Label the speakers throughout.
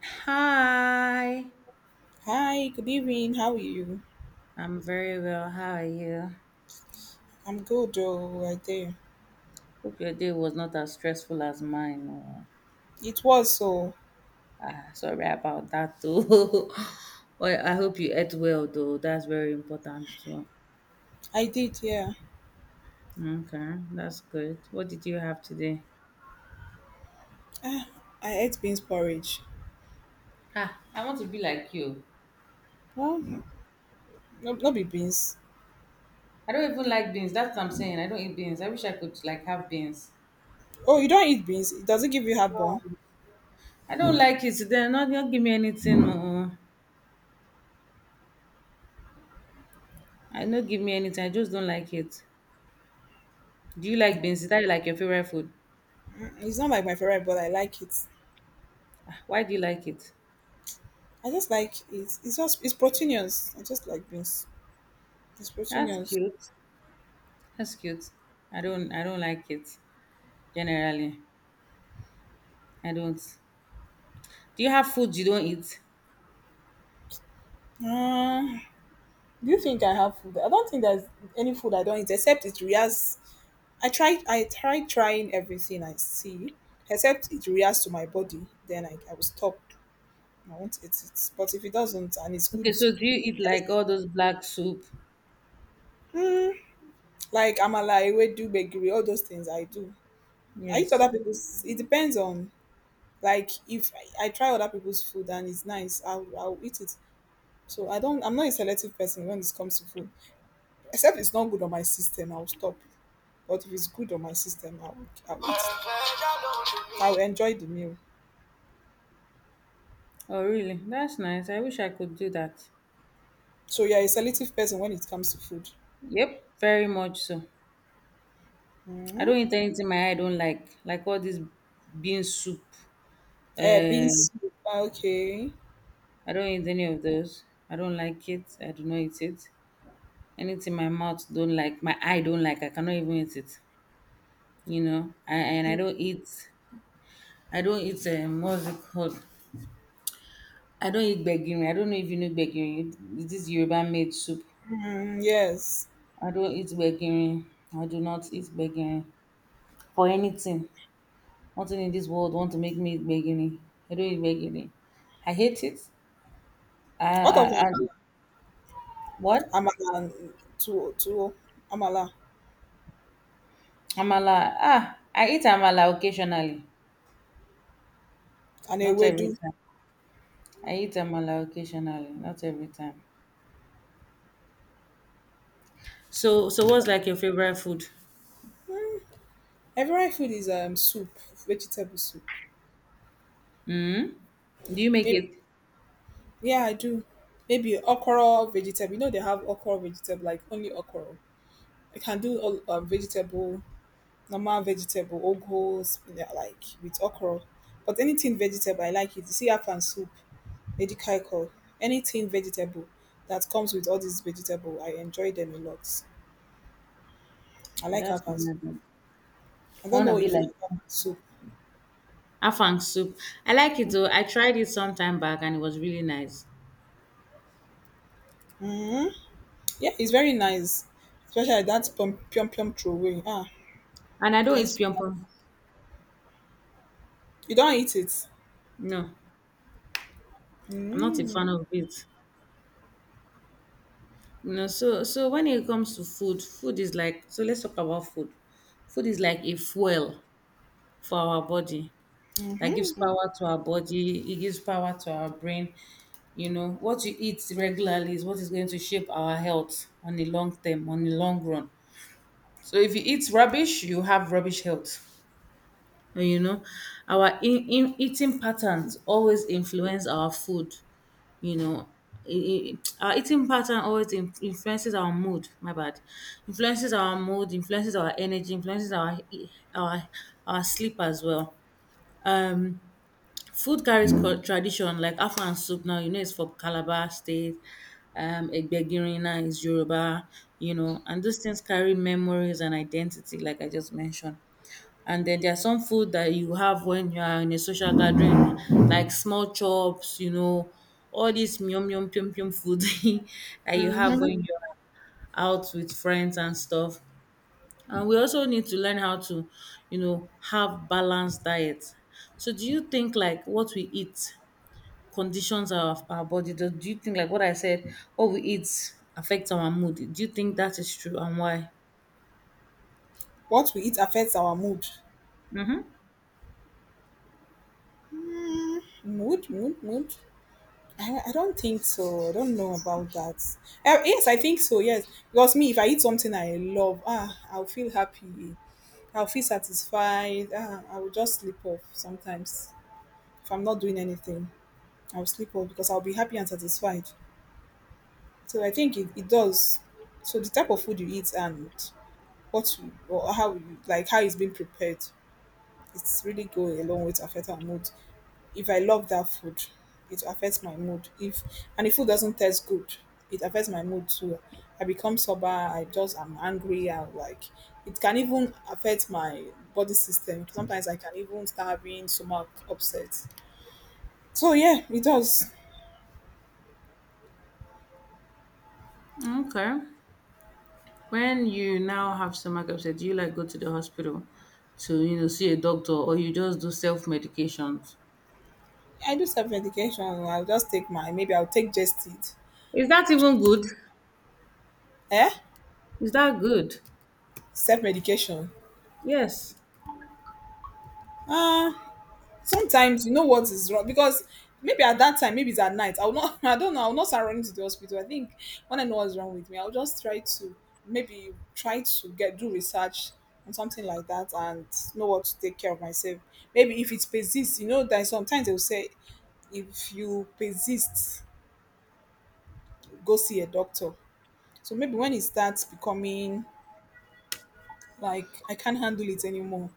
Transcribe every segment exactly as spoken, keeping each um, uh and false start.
Speaker 1: Hi,
Speaker 2: Hi, good evening. How are you?
Speaker 1: I'm very well. How are you?
Speaker 2: I'm good, oh, I did.
Speaker 1: Hope your day was not as stressful as mine. Oh,
Speaker 2: It was so.
Speaker 1: ah, sorry about that too. Well, I hope you ate well though. That's very important too.
Speaker 2: I did, yeah.
Speaker 1: Okay, that's good. What did you have today?
Speaker 2: Ah, I ate beans porridge.
Speaker 1: Ah, I want to be like you.
Speaker 2: Well, no, no be beans.
Speaker 1: I don't even like beans. That's what I'm saying. I don't eat beans. I wish I could like have beans.
Speaker 2: Oh, you don't eat beans. It doesn't give you
Speaker 1: No,
Speaker 2: heartburn.
Speaker 1: I don't like it. Then not not give me anything. Oh, I don't give me anything. I just don't like it. Do you like beans? Is that like your favorite food?
Speaker 2: Mm, It's not like my favorite, but I like it.
Speaker 1: Why do you like it?
Speaker 2: I just like it. It's just it's proteinous. I just like beans. It's
Speaker 1: That's
Speaker 2: proteinous.
Speaker 1: cute. That's cute. I don't I don't like it generally. I don't. Do you have food you don't eat?
Speaker 2: Uh, do you think I have food? I don't think there's any food I don't eat except it reacts. I try I try Trying everything I see, except it reacts to my body, then I, I will stop. I won't eat it. But if it doesn't and it's good,
Speaker 1: Okay, so do you eat like
Speaker 2: yes.
Speaker 1: all those black soup?
Speaker 2: mm, like amala, ewedu, gbegiri, all those things I do. I eat
Speaker 1: Yes.
Speaker 2: other people's. It depends on like if I, I try other people's food and it's nice, I'll, I'll eat it. So I don't. I'm not a selective person when it comes to food, except it's not good on my system. I'll stop. But if it's good on my system, I'll I'll eat. I'll enjoy the meal.
Speaker 1: Oh, really? That's nice. I wish I could do that.
Speaker 2: So you're a selective person when it comes to food.
Speaker 1: Yep, very much so. I
Speaker 2: Hmm?
Speaker 1: don't eat anything my eye don't like. Like all this bean soup.
Speaker 2: Eh,
Speaker 1: Um
Speaker 2: beans soup, okay.
Speaker 1: I don't eat any of those. I don't like it. I do not eat it. Anything my mouth don't like, my eye don't like, I cannot even eat it. you know I, and i don't eat i don't eat, um, what's it called, I don't eat gbegiri. I don't know if you know gbegiri. This is yoruba made soup.
Speaker 2: Mm, yes.
Speaker 1: I don't eat gbegiri. I do not eat gbegiri for anything. Nothing in this world want to make me eat gbegiri. I don't eat gbegiri. I hate it. I
Speaker 2: What of
Speaker 1: I, I
Speaker 2: amala?
Speaker 1: What?
Speaker 2: Amala and tuwo, tuwo, amala
Speaker 1: Amala? ah I eat amala occasionally,
Speaker 2: and
Speaker 1: not every
Speaker 2: ewedu.
Speaker 1: time. I eat amala occasionally, not every time. So so what's like your favorite food?
Speaker 2: Mm, Favorite food is um soup, vegetable soup.
Speaker 1: mm do you make
Speaker 2: Maybe
Speaker 1: it?
Speaker 2: yeah, I do. Maybe okra vegetable. You know they have okra vegetable, like only okra. I can do all um, vegetable, normal vegetable, ogos, yeah, like with okra. But anything vegetable, I like it. You see, I and soup. Medical, anything vegetable that comes with all these vegetable. I enjoy them a lot. I
Speaker 1: And
Speaker 2: like
Speaker 1: that's
Speaker 2: afang soup.
Speaker 1: another.
Speaker 2: I
Speaker 1: I
Speaker 2: don't
Speaker 1: want to
Speaker 2: know
Speaker 1: be
Speaker 2: if you
Speaker 1: like
Speaker 2: like afang soup.
Speaker 1: afang soup. I like it though. I tried it some time back and it was really nice.
Speaker 2: Yeah, it's very nice, especially like that pom pium pium throwaway. Ah,
Speaker 1: And I don't
Speaker 2: I
Speaker 1: eat
Speaker 2: used
Speaker 1: pyong pyong.
Speaker 2: You don't eat it.
Speaker 1: No, I'm not a fan of it. You know, so so when it comes to food, food is like so. Let's talk about food. Food is like a fuel for our body. That gives power to our body. It gives power to our brain. You know, what you eat regularly is what is going to shape our health on the long term, on the long run. So if you eat rubbish, you have rubbish health. You know, our in, in eating patterns always influence our food, you know. I- I- our eating pattern always in- influences our mood, my bad, influences our mood, influences our energy, influences our our our sleep as well. um Food carries cul- tradition, like afan soup now, you know. It's for Calabar State. Um egbegirina is Yoruba. You know, and those things carry memories and identity, like I just mentioned. And then there's some food that you have when you are in a social gathering, like small chops, you know, all this yum yum yum yum food that you have when you're out with friends and stuff. And we also need to learn how to, you know, have balanced diets. So do you think like what we eat conditions our, our body? Do, do you think, like, what I said, what we eat affects our mood? Do you think that is true and why?
Speaker 2: What we eat affects our mood.
Speaker 1: Mm-hmm.
Speaker 2: Mood, mood, mood. I, I don't think so. I don't know about that. Uh, yes, I think so. Yes, because me, if I eat something I love, ah, I'll feel happy. I'll feel satisfied. Ah, I will just sleep off sometimes. If I'm not doing anything, I'll sleep well because I'll be happy and satisfied. So I think it, it does. So the type of food you eat and what you, or how you like how it's being prepared, it's really go a long way to affect our mood. If I love that food, it affects my mood. If and if food doesn't taste good, it affects my mood too. I become sober. I just am angry. And like it can even affect my body system. Sometimes I can even start having stomach upset. So yeah, it does.
Speaker 1: Okay. When you now have stomach upset, do you like go to the hospital to, you know, see a doctor or you just do self-medications?
Speaker 2: I do self medication. I'll just take my, maybe I'll take just it.
Speaker 1: Is that even good?
Speaker 2: Eh?
Speaker 1: Is that good?
Speaker 2: Self medication.
Speaker 1: Yes.
Speaker 2: Uh Sometimes you know what is wrong because maybe at that time, maybe it's at night. I'll not I don't know, I'll not start running to the hospital. I think when I know what's wrong with me, I'll just try to maybe try to get do research on something like that and know what to take care of myself. Maybe if it persists, you know that sometimes they'll say if you persist, go see a doctor. So maybe when it starts becoming like I can't handle it anymore.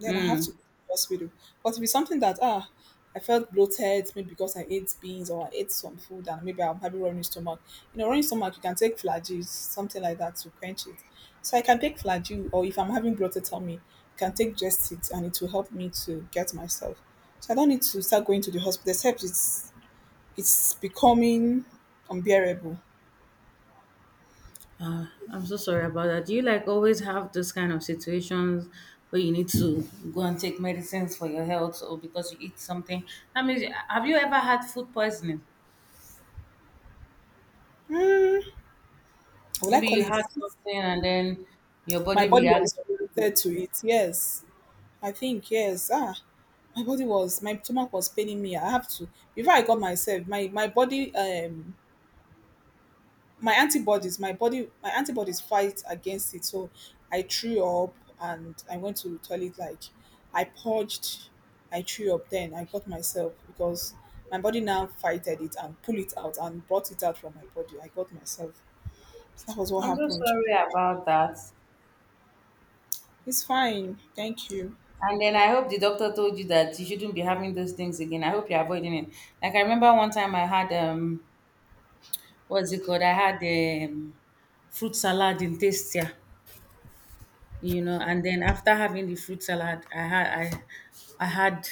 Speaker 2: Then I have to
Speaker 1: Mm.
Speaker 2: go to the hospital. But if it's something that ah, I felt bloated, maybe because I ate beans or I ate some food and maybe I'm having running stomach. You know, running stomach, you can take flagyl, something like that to quench it. So I can take flagyl, or if I'm having bloated tummy, I can take just it and it will help me to get myself. So I don't need to start going to the hospital, except it's it's becoming unbearable.
Speaker 1: Uh, I'm so sorry about that. Do you like always have this kind of situations where you need to go and take medicines for your health or because you eat something? I mean, have you ever had food poisoning?
Speaker 2: Will I
Speaker 1: Maybe
Speaker 2: call
Speaker 1: you
Speaker 2: it?
Speaker 1: had something and then your body
Speaker 2: My body was
Speaker 1: reacted to
Speaker 2: reacted
Speaker 1: it.
Speaker 2: to it. Yes, I think yes. Ah, my body was my stomach was paining me. I have to, before I got myself, my my body, um my antibodies, my body my antibodies fight against it. So I threw up and I went to toilet, like I purged. I threw up, then I got myself because my body now fighted it and pulled it out and brought it out from my body. I got myself. That was what
Speaker 1: I'm so
Speaker 2: happened.
Speaker 1: sorry about that.
Speaker 2: It's fine, thank you.
Speaker 1: And then I hope the doctor told you that you shouldn't be having those things again. I hope you're avoiding it. Like I remember one time I had um what's it called? I had um fruit salad in Tastia, you know, and then after having the fruit salad, I had I I had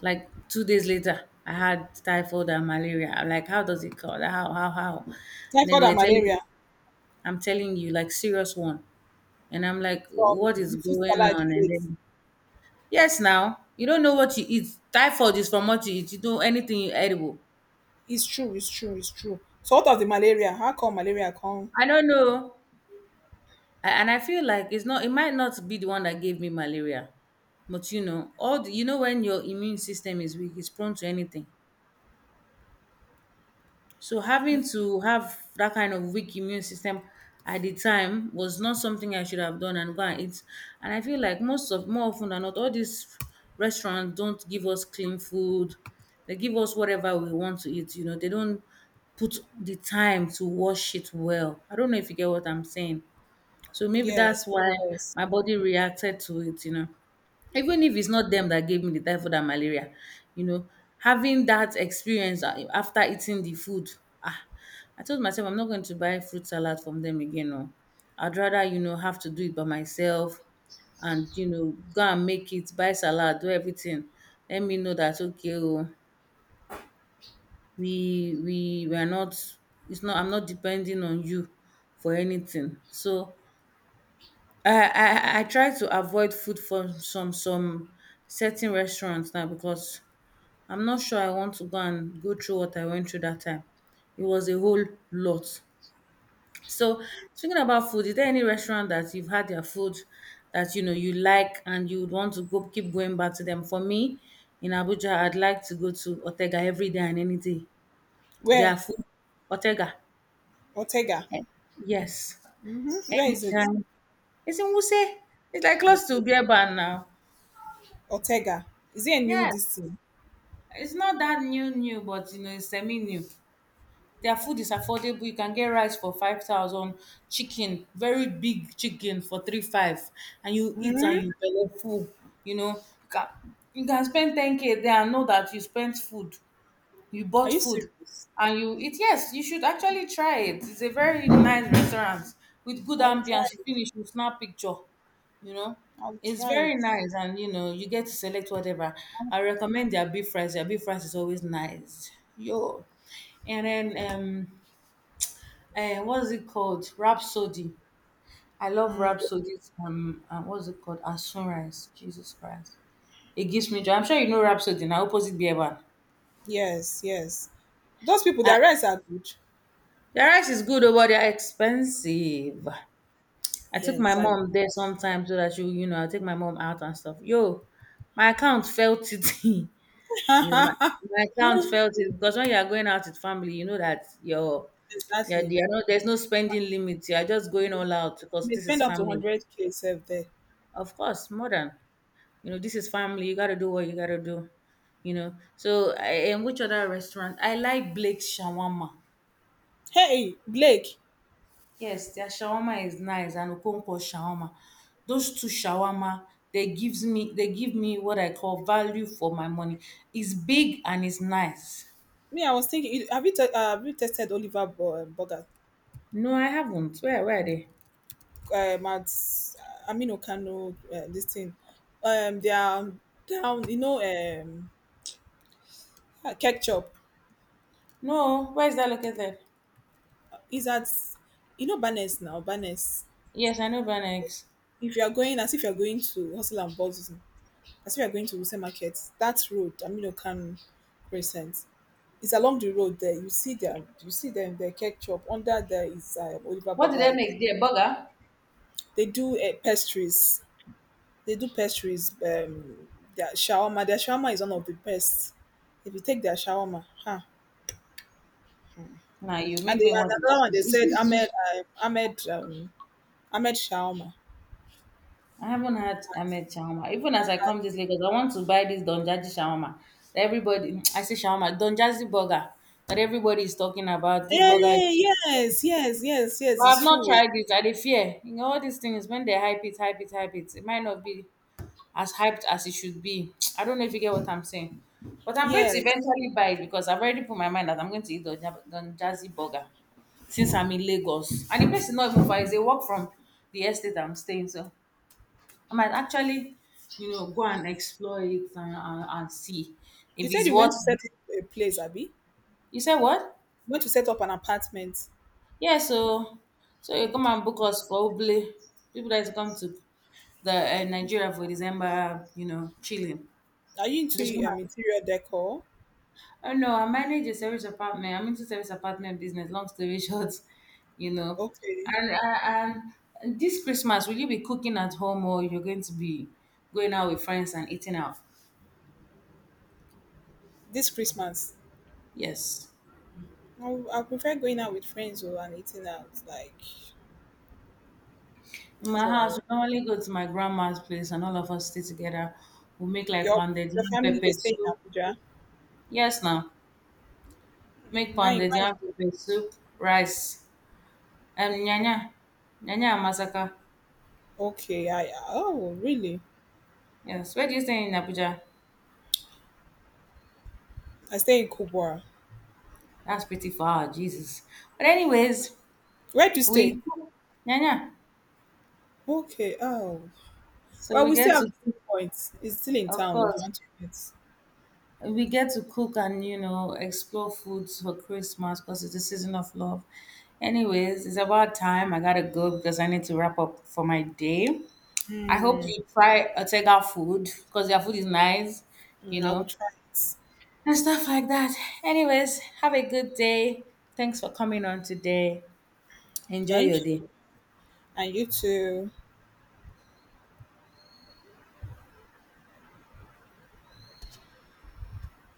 Speaker 1: like, two days later, I had typhoid and malaria. I'm like, how does it call? How how how? And then
Speaker 2: Typhoid
Speaker 1: they were
Speaker 2: and
Speaker 1: telling me,
Speaker 2: malaria.
Speaker 1: I'm telling you, like serious one. And I'm like,
Speaker 2: From
Speaker 1: what is
Speaker 2: the food
Speaker 1: going
Speaker 2: salad
Speaker 1: on?
Speaker 2: you
Speaker 1: And
Speaker 2: ate?
Speaker 1: then Yes, now, you don't know what you eat. Typhoid is from what you eat. You do anything you edible.
Speaker 2: It's true, it's true, it's true. So what of the malaria? How come malaria come?
Speaker 1: I don't know. A- And I feel like it's not it might not be the one that gave me malaria. But you know, all the, you know, when your immune system is weak, it's prone to anything. So having to have that kind of weak immune system at the time was not something I should have done and go and eat. And I feel like most of more often than not, all these restaurants don't give us clean food. They give us whatever we want to eat. You know, they don't put the time to wash it well. I don't know if you get what I'm saying. So maybe
Speaker 2: Yes,
Speaker 1: that's why
Speaker 2: yes.
Speaker 1: my body reacted to it, you know. Even if it's not them that gave me the typhoid and malaria, you know, having that experience uh, after eating the food, ah, I told myself I'm not going to buy fruit salad from them again. No, I'd rather you know have to do it by myself, and you know go and make it, buy salad, do everything. Let me know that okay, oh, we we we are not. It's not. I'm not depending on you for anything. So I I I try to avoid food from some some certain restaurants now because I'm not sure I want to go and go through what I went through that time. It was a whole lot. So speaking about food, is there any restaurant that you've had their food that you know you like and you would want to go keep going back to them? For me, in Abuja, I'd like to go to Otega every day and any day.
Speaker 2: Where?
Speaker 1: Their food, Otega.
Speaker 2: Ortega.
Speaker 1: Eh, Yes,
Speaker 2: Hmm? Where is it?
Speaker 1: anytime. It's in Wuse. It's like close to
Speaker 2: Ortega.
Speaker 1: Beer Bar now.
Speaker 2: Ortega. Is it a new
Speaker 1: Yeah,
Speaker 2: disease?
Speaker 1: it's not that new new, but you know, it's semi new. Their food is affordable. You can get rice for five thousand, chicken, very big chicken for three five, and you eat and
Speaker 2: Hmm?
Speaker 1: you belly full. You know, you can, you can spend ten k there and know that you spent food you bought
Speaker 2: Are you
Speaker 1: food
Speaker 2: serious?
Speaker 1: and you eat. Yes, you should actually try it. It's a very nice restaurant with good
Speaker 2: I'll try
Speaker 1: ambience. You
Speaker 2: it.
Speaker 1: finish, you snap picture, you know.
Speaker 2: I'll
Speaker 1: It's
Speaker 2: try it.
Speaker 1: very nice and, you know, you get to select whatever. I recommend their beef fries. Their beef fries is always nice. Yo, and then um eh, what's it called, rhapsody. I love
Speaker 2: Mm,
Speaker 1: rhapsody's, um uh, what's it called, and sunrise. Jesus Christ, it gives me joy. I'm sure you know rhapsody now, opposite Beer Bar.
Speaker 2: yes, yes. Those people, their rights are good.
Speaker 1: The rice is good, oh, but they are expensive. I took my
Speaker 2: Yes, I,
Speaker 1: mom there sometimes so that she, you know, I take my mom out and stuff. Yo, my account felt it. You know, my,
Speaker 2: yes.
Speaker 1: my account felt it because when you are going out with family, you know that you're, you're,
Speaker 2: exactly.
Speaker 1: you're not, there's no spending limit. You are just going all out because
Speaker 2: They
Speaker 1: this is
Speaker 2: spend up to
Speaker 1: family.
Speaker 2: hundred k self there.
Speaker 1: Of course, more than, you know, this is family. You got to do what you got to do, you know. So, I, and which other restaurant? I like Blake's Shawarma.
Speaker 2: Hey, Blake.
Speaker 1: Yes, their shawarma is nice and okonkwo shawarma. Those two shawarma, they gives me they give me what I call value for my money. It's big and it's nice.
Speaker 2: Me, I was thinking. You- Have you te- uh, have you tested Oliver Bo- um, Bogart?
Speaker 1: No, I haven't. Where, where are they?
Speaker 2: Um at amino Kano, uh, this thing. Um they are down, you know, um ketchup
Speaker 1: No, where is that located?
Speaker 2: is at you know Barnes now, Barnes.
Speaker 1: Yes, I know Benex.
Speaker 2: If you are going As if you are going to Hustle and Bustle, as if you are going to Wuse Market, that road, amino Kano Crescent. It's along the road there. You see them. You see them. The ketchup under there is uh, Oliver
Speaker 1: What did they
Speaker 2: Bogal.
Speaker 1: make there? Burger?
Speaker 2: They do uh, pastries They do pastries. Um, their shawarma. Their shawarma is one of the best. If you take their shawarma, huh?
Speaker 1: Nah, you
Speaker 2: And
Speaker 1: make
Speaker 2: they
Speaker 1: me
Speaker 2: and
Speaker 1: want to
Speaker 2: another one
Speaker 1: go.
Speaker 2: they
Speaker 1: Is
Speaker 2: said
Speaker 1: it big?
Speaker 2: Ahmed, uh, Ahmed um, Ahmed shawarma.
Speaker 1: I haven't had Ahmed shawarma. Even as I come this Lagos, I want to buy this Donjaji shawarma. that Everybody, I say shawarma, Donjaji burger that everybody is talking about. This burger is
Speaker 2: Hey, yes, yes, yes, yes.
Speaker 1: But I've
Speaker 2: It's
Speaker 1: not
Speaker 2: true.
Speaker 1: tried it. I dey fear. You know, all these things when they hype it, hype it, hype it, it might not be as hyped as it should be. I don't know if you get what I'm saying. But I'm going to
Speaker 2: Yes.
Speaker 1: eventually buy it because I've already put my mind that I'm going to eat the Jazzy burger since I'm in Lagos. And the place is not even far, it's a walk from the estate I'm staying. So I might actually, you know, go and explore it and, and, and see
Speaker 2: You
Speaker 1: if
Speaker 2: said
Speaker 1: it's
Speaker 2: you
Speaker 1: worth.
Speaker 2: went to set up a place, Abby. You
Speaker 1: You said what?
Speaker 2: went to set up an apartment.
Speaker 1: Yeah, so so you come
Speaker 2: Okay.
Speaker 1: and book us for Uble. People that is come to the uh, Nigeria for December, you know, chilling.
Speaker 2: Are you
Speaker 1: Just
Speaker 2: into um,
Speaker 1: wanna-
Speaker 2: interior decor?
Speaker 1: Oh no, I manage a service apartment. I'm into service apartment business. Long story short, you know,
Speaker 2: Okay.
Speaker 1: and and and this Christmas, will you be cooking at home or you're going to be going out with friends and eating out?
Speaker 2: This Christmas.
Speaker 1: Yes.
Speaker 2: I, I prefer going out with friends or and eating out. Like
Speaker 1: In
Speaker 2: that's
Speaker 1: my
Speaker 2: what I
Speaker 1: house,
Speaker 2: want.
Speaker 1: we normally go to my grandma's place and all of us stay together. We make like
Speaker 2: Your
Speaker 1: pounded
Speaker 2: your
Speaker 1: yam
Speaker 2: family
Speaker 1: pepper
Speaker 2: they stay in
Speaker 1: soup.
Speaker 2: Abuja.
Speaker 1: Yes, now make
Speaker 2: Mm, nine,
Speaker 1: pounded
Speaker 2: nine.
Speaker 1: yam pepper soup, rice, and nyanya, nyanya and masaka.
Speaker 2: Okay, I oh really?
Speaker 1: Yes, where do you stay in Abuja?
Speaker 2: I stay in Kubwa.
Speaker 1: That's pretty far, Jesus. But anyways,
Speaker 2: Where do you stay?
Speaker 1: we yeah, yeah.
Speaker 2: Okay, oh
Speaker 1: So
Speaker 2: well,
Speaker 1: we
Speaker 2: we still
Speaker 1: get
Speaker 2: have
Speaker 1: to
Speaker 2: visiting points. It's still in
Speaker 1: Of
Speaker 2: town if you
Speaker 1: course,
Speaker 2: want to visit.
Speaker 1: we get to cook and, you know, explore foods for Christmas because it's the season of love. Anyways, it's about time. I gotta go because I need to wrap up for my day. I hope
Speaker 2: Mm,
Speaker 1: you try Otega food because their food is nice, you
Speaker 2: mm, I will
Speaker 1: know,
Speaker 2: try it.
Speaker 1: and stuff like that. Anyways, have a good day. Thanks for coming on today. Enjoy
Speaker 2: Thank
Speaker 1: your
Speaker 2: you,
Speaker 1: day.
Speaker 2: and you too.